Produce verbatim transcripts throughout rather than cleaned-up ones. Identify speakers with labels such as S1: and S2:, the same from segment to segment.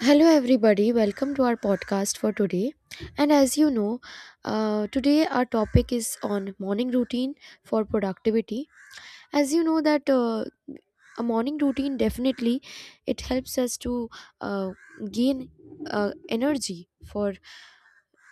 S1: Hello, everybody. Welcome to our podcast for today. And as you know, uh, today our topic is on morning routine for productivity. As you know that uh, a morning routine definitely it helps us to uh, gain uh, energy for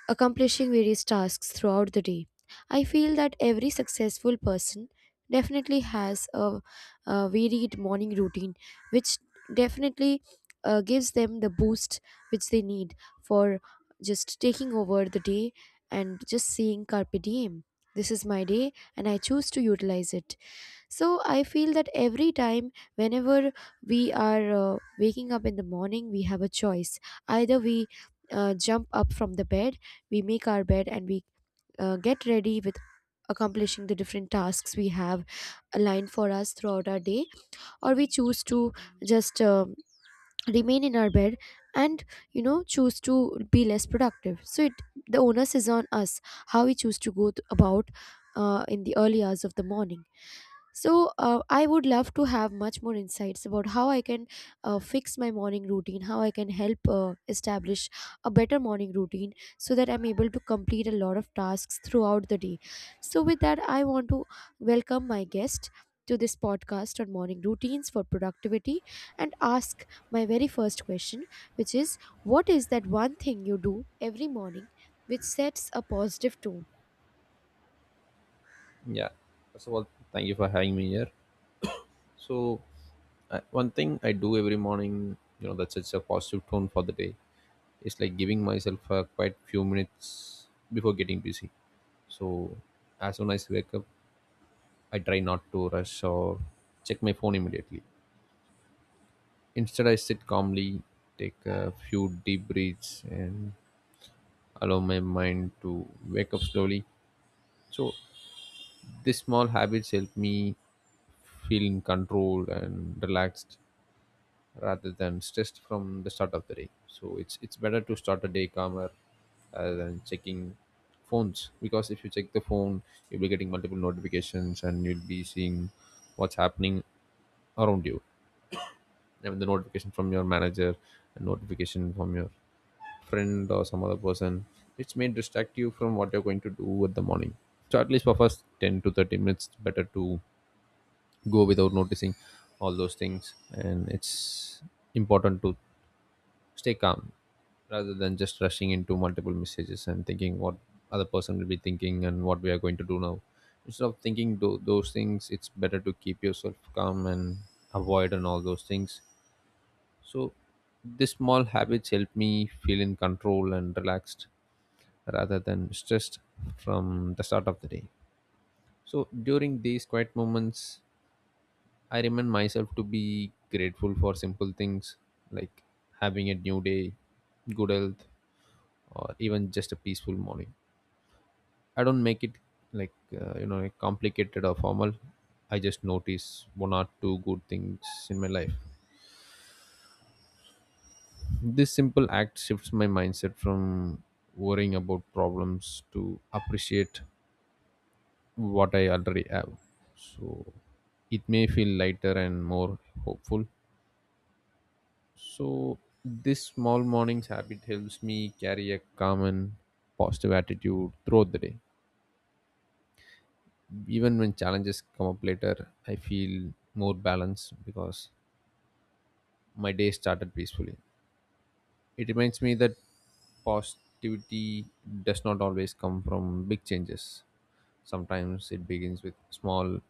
S1: accomplishing various tasks throughout the day. I feel that every successful person definitely has a, a varied morning routine, which definitely uh, gives them the boost which they need for just taking over the day and just seeing Carpe Diem. This is my day and I choose to utilize it. So I feel that every time, whenever we are uh, waking up in the morning, we have a choice. Either we uh, jump up from the bed, we make our bed, and we uh, get ready with accomplishing the different tasks we have aligned for us throughout our day, or we choose to just um remain in our bed and you know choose to be less productive. So it the onus is on us how we choose to go th- about uh, in the early hours of the morning. So, uh, I would love to have much more insights about how I can uh, fix my morning routine, how I can help uh, establish a better morning routine so that I'm able to complete a lot of tasks throughout the day. So, with that, I want to welcome my guest to this podcast on morning routines for productivity and ask my very first question, which is what is that one thing you do every morning which sets a positive tone?
S2: Yeah. First of all, thank you for having me here. So, I, one thing I do every morning, you know, that sets a positive tone for the day is like giving myself uh, quite few minutes before getting busy. So, as soon as I wake up, I try not to rush or check my phone immediately. Instead, I sit calmly, take a few deep breaths, and allow my mind to wake up slowly. So, these small habits help me feel in control and relaxed rather than stressed from the start of the day. So it's it's better to start a day calmer rather than checking phones, because if you check the phone, you'll be getting multiple notifications and you'll be seeing what's happening around you. I mean, the notification from your manager, a notification from your friend or some other person, which may distract you from what you're going to do at the morning. So at least for first ten to thirty minutes, it's better to go without noticing all those things, and it's important to stay calm rather than just rushing into multiple messages and thinking what other person will be thinking and what we are going to do now, instead of thinking tho- those things. It's better to keep yourself calm and avoid and all those things. So these small habits help me feel in control and relaxed rather than stressed from the start of the day. So during these quiet moments, I remind myself to be grateful for simple things like having a new day, good health, or even just a peaceful morning. I don't make it like uh, you know like complicated or formal. I just notice one or two good things in my life. This simple act shifts my mindset from worrying about problems to appreciate what I already have. So it may feel lighter and more hopeful. So this small morning's habit helps me carry a calm and positive attitude throughout the day. Even when challenges come up later, I feel more balanced because my day started peacefully. It reminds me that positivity does not always come from big changes. Sometimes it begins with small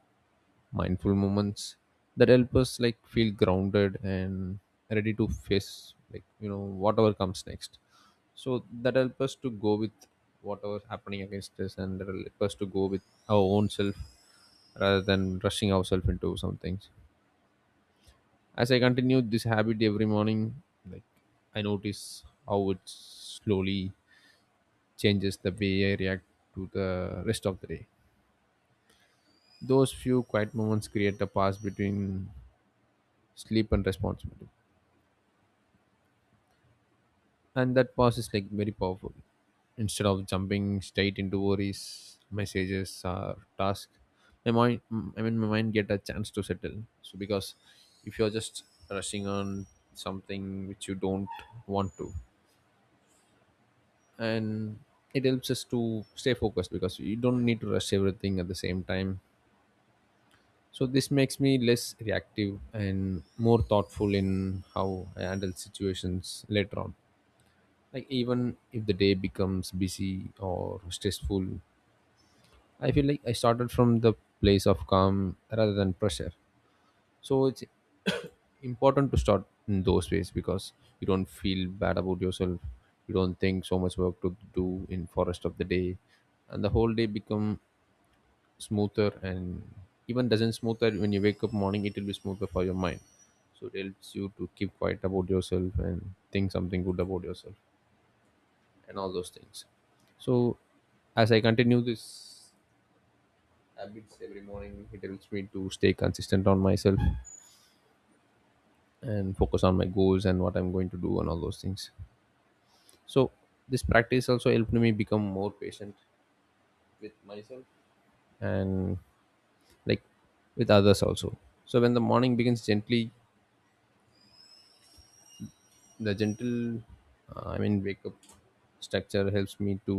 S2: mindful moments that help us like feel grounded and ready to face like you know whatever comes next. So that helps us to go with whatever's happening against us, and that help us to go with our own self rather than rushing ourselves into some things. As I continue this habit every morning, like I notice how it slowly changes the way I react to the rest of the day. Those few quiet moments create a pass between sleep and responsibility, and that pause is like very powerful. Instead of jumping straight into worries, messages or task, my mind mm, I mean my mind get a chance to settle. So because if you're just rushing on something which you don't want to, and it helps us to stay focused because you don't need to rush everything at the same time. So this makes me less reactive and more thoughtful in how I handle situations later on. Like even if the day becomes busy or stressful, I feel like I started from the place of calm rather than pressure. So it's important to start in those ways, because you don't feel bad about yourself, you don't think so much work to do in for rest of the day, and the whole day become smoother. And even doesn't smoother, when you wake up morning it will be smoother for your mind. So it helps you to keep quiet about yourself and think something good about yourself and all those things. So, as I continue this habits every morning, it helps me to stay consistent on myself and focus on my goals and what I'm going to do and all those things. So, this practice also helped me become more patient with myself and like with others also. So, when the morning begins gently, the gentle uh, I mean wake up structure helps me to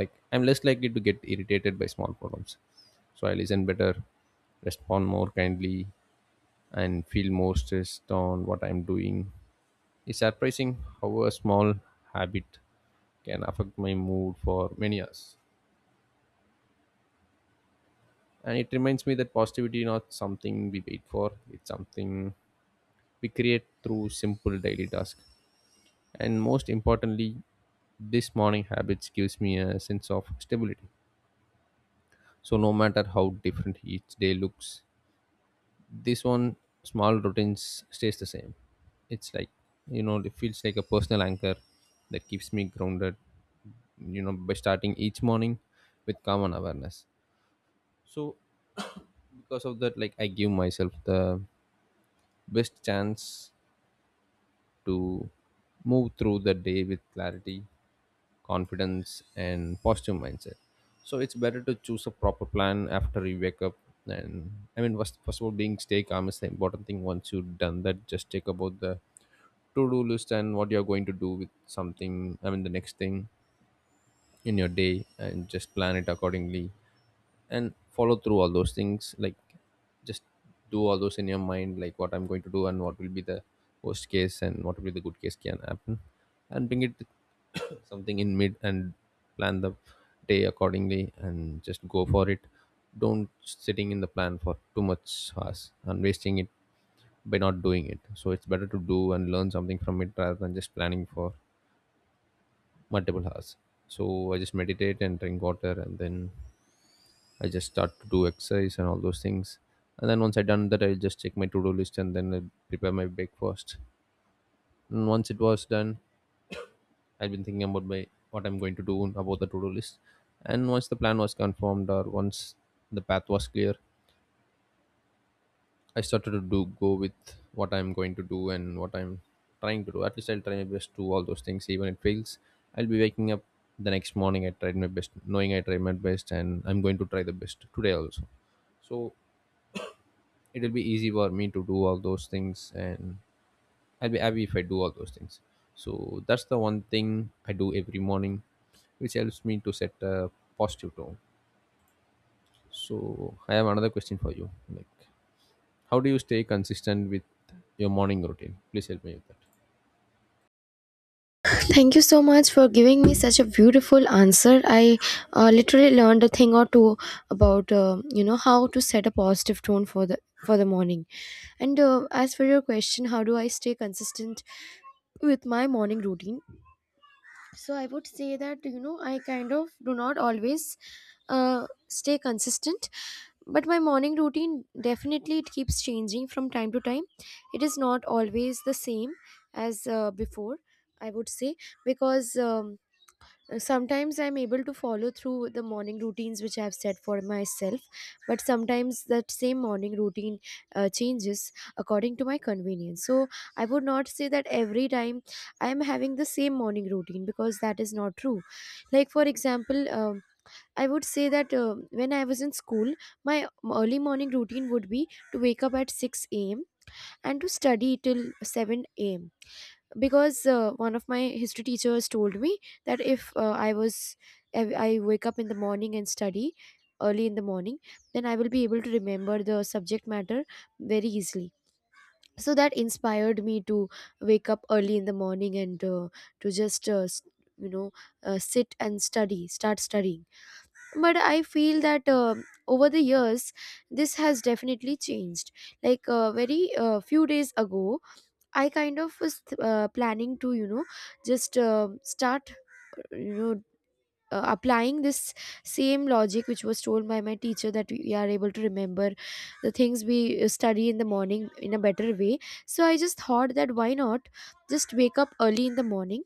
S2: like I'm less likely to get irritated by small problems. So I listen better, respond more kindly, and feel more stressed on what I'm doing. It's surprising how a small habit can affect my mood for many hours, and it reminds me that positivity is not something we wait for. It's something we create through simple daily tasks. And most importantly, this morning habits gives me a sense of stability. So no matter how different each day looks, this one small routines stays the same. It's like you know it feels like a personal anchor that keeps me grounded, you know by starting each morning with calm and awareness. So because of that, like I give myself the best chance to move through the day with clarity, confidence and positive mindset. So it's better to choose a proper plan after you wake up. And I mean first, first of all, being stay calm is the important thing. Once you've done that, just take about the to-do list and what you're going to do with something. I mean the next thing in your day, and just plan it accordingly and follow through all those things. Like just do all those in your mind, like what I'm going to do and what will be the worst case and what will be the good case can happen. And bring it something in mid and plan the day accordingly and just go for it. Don't sitting in the plan for too much hours and wasting it by not doing it. So it's better to do and learn something from it rather than just planning for multiple hours. So I just meditate and drink water, and then I just start to do exercise and all those things. And then once I done that, I'll just check my to-do list and then I'll prepare my breakfast. And once it was done, I've been thinking about my what I'm going to do about the to-do list. And once the plan was confirmed or once the path was clear, I started to do go with what I'm going to do and what I'm trying to do. At least I'll try my best to do all those things. Even it fails, I'll be waking up the next morning. I tried my best, knowing I tried my best, and I'm going to try the best today also. So it'll be easy for me to do all those things, and I'll be happy if I do all those things. So that's the one thing I do every morning which helps me to set a positive tone. So I have another question for you, like how do you stay consistent with your morning routine? Please help me with that.
S1: Thank you so much for giving me such a beautiful answer. I uh, literally learned a thing or two about uh, you know how to set a positive tone for the for the morning. And uh, as for your question, how do I stay consistent with my morning routine? So I would say that you know I kind of do not always uh, stay consistent, but my morning routine definitely it keeps changing from time to time. It is not always the same as uh, before. I would say because. Um, Sometimes I'm able to follow through with the morning routines which I've set for myself, but sometimes that same morning routine uh, changes according to my convenience. So I would not say that every time I am having the same morning routine, because that is not true. Like, for example, um, I would say that uh, when I was in school, my early morning routine would be to wake up at six a m and to study till seven a.m. because uh, one of my history teachers told me that if uh, i was if I wake up in the morning and study early in the morning, then I will be able to remember the subject matter very easily. So that inspired me to wake up early in the morning and uh, to just uh, s- you know, uh, sit and study start studying. But I feel that um over the years this has definitely changed. Like, uh, very uh, few days ago, I kind of was uh, planning to, you know, just uh, start, you know, uh, applying this same logic which was told by my teacher, that we are able to remember the things we uh, study in the morning in a better way. So I just thought, that why not just wake up early in the morning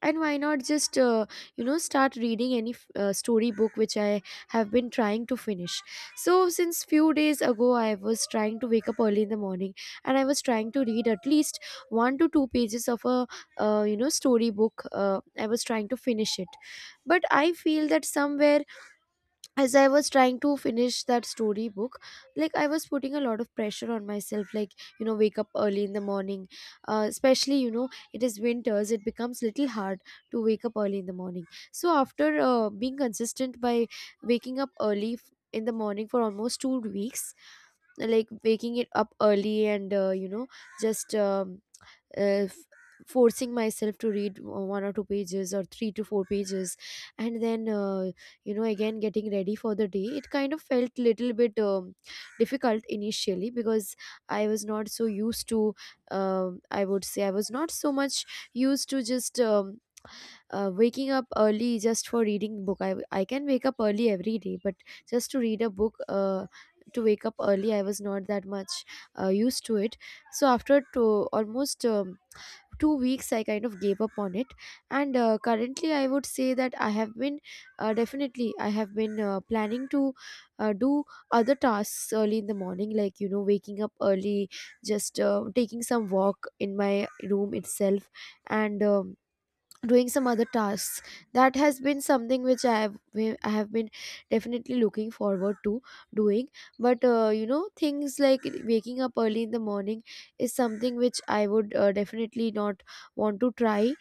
S1: and why not just uh, you know, start reading any f- uh, storybook which I have been trying to finish? So since few days ago, I was trying to wake up early in the morning and I was trying to read at least one to two pages of a uh, you know, storybook uh, I was trying to finish it. But I feel that somewhere, as I was trying to finish that storybook, like, I was putting a lot of pressure on myself, like, you know, wake up early in the morning. Uh, especially, you know, it is winters, it becomes little hard to wake up early in the morning. So after uh, being consistent by waking up early f- in the morning for almost two weeks, like waking it up early and, uh, you know, just um, if forcing myself to read o- one or two pages or three to four pages and then uh, you know, again getting ready for the day, it kind of felt little bit um, difficult initially because I was not so used to um, I would say I was not so much used to just um, uh, waking up early just for reading book. I, I can wake up early every day, but just to read a book, uh, to wake up early I was not that much uh, used to it. So after to almost um, two weeks I kind of gave up on it. And uh, currently I would say that I have been uh, definitely I have been uh, planning to uh, do other tasks early in the morning, like you know, waking up early, just uh, taking some walk in my room itself and um, doing some other tasks. That has been something which i have we- I have been definitely looking forward to doing. But uh, you know, things like waking up early in the morning is something which I would uh, definitely not want to try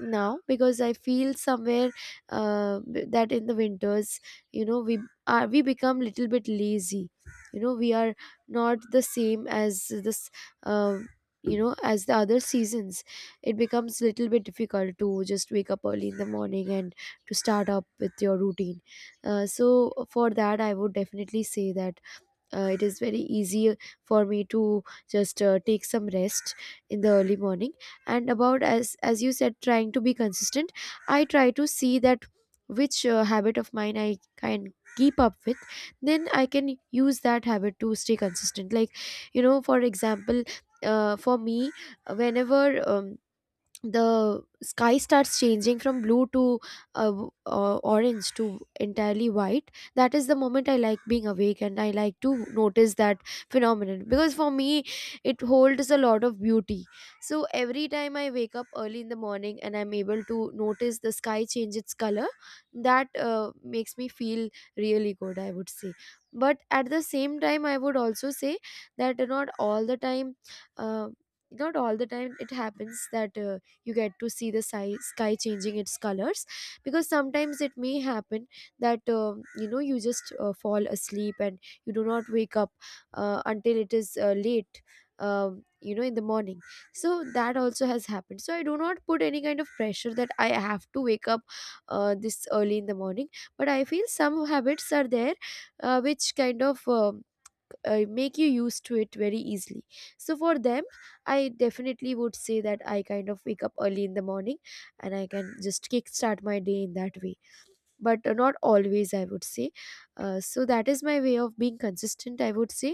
S1: now, because I feel somewhere uh, b- that in the winters, you know, we are we become little bit lazy. You know, we are not the same as this. Uh, you know, as the other seasons, it becomes little bit difficult to just wake up early in the morning and to start up with your routine. Uh, so for that, I would definitely say that uh, it is very easy for me to just uh, take some rest in the early morning. And about, as as you said, trying to be consistent, I try to see that which uh, habit of mine I can keep up with, then I can use that habit to stay consistent. Like, you know, for example, uh, for me, whenever um, the sky starts changing from blue to uh, w- uh, orange to entirely white, that is the moment I like being awake and I like to notice that phenomenon, because for me it holds a lot of beauty. So every time I wake up early in the morning and I'm able to notice the sky change its color, that uh, makes me feel really good, I would say. But at the same time, I would also say that not all the time, uh, not all the time it happens that uh, you get to see the si- sky changing its colors, because sometimes it may happen that um, you know, you just uh, fall asleep and you do not wake up uh, until it is uh, late, um, you know, in the morning. So that also has happened. So I do not put any kind of pressure that I have to wake up uh, this early in the morning. But I feel some habits are there uh, which kind of um uh, make you used to it very easily. So for them, I definitely would say that I kind of wake up early in the morning and I can just kick start my day in that way. But uh, not always, I would say. Uh, so that is my way of being consistent, I would say.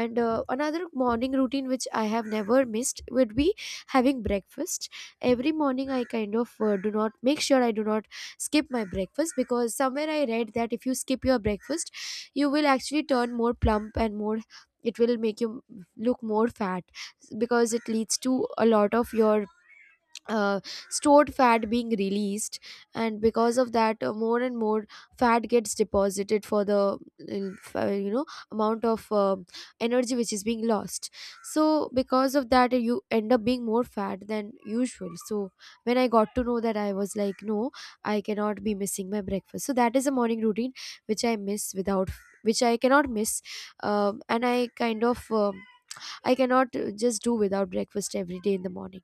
S1: And uh, another morning routine which I have never missed would be having breakfast every morning. I kind of uh, do not make sure I do not skip my breakfast, because somewhere I read that if you skip your breakfast, you will actually turn more plump and more, it will make you look more fat, because it leads to a lot of your uh, stored fat being released, and because of that, uh, more and more fat gets deposited for the uh, you know, amount of uh, energy which is being lost. So because of that, you end up being more fat than usual. So when I got to know that, I was like, no, I cannot be missing my breakfast. So that is a morning routine which I miss without which I cannot miss. Um, and I kind of um I cannot uh, just do without breakfast every day in the morning.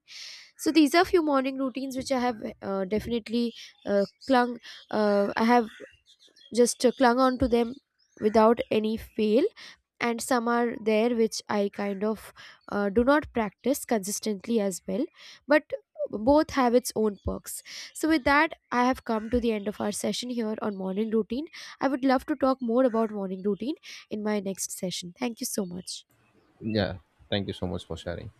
S1: So these are few morning routines which I have uh, definitely uh, clung. Uh, I have just uh, clung on to them without any fail, and some are there which I kind of uh, do not practice consistently as well, but both have its own perks. So with that, I have come to the end of our session here on morning routine. I would love to talk more about morning routine in my next session. Thank you so much.
S2: Yeah, thank you so much for sharing.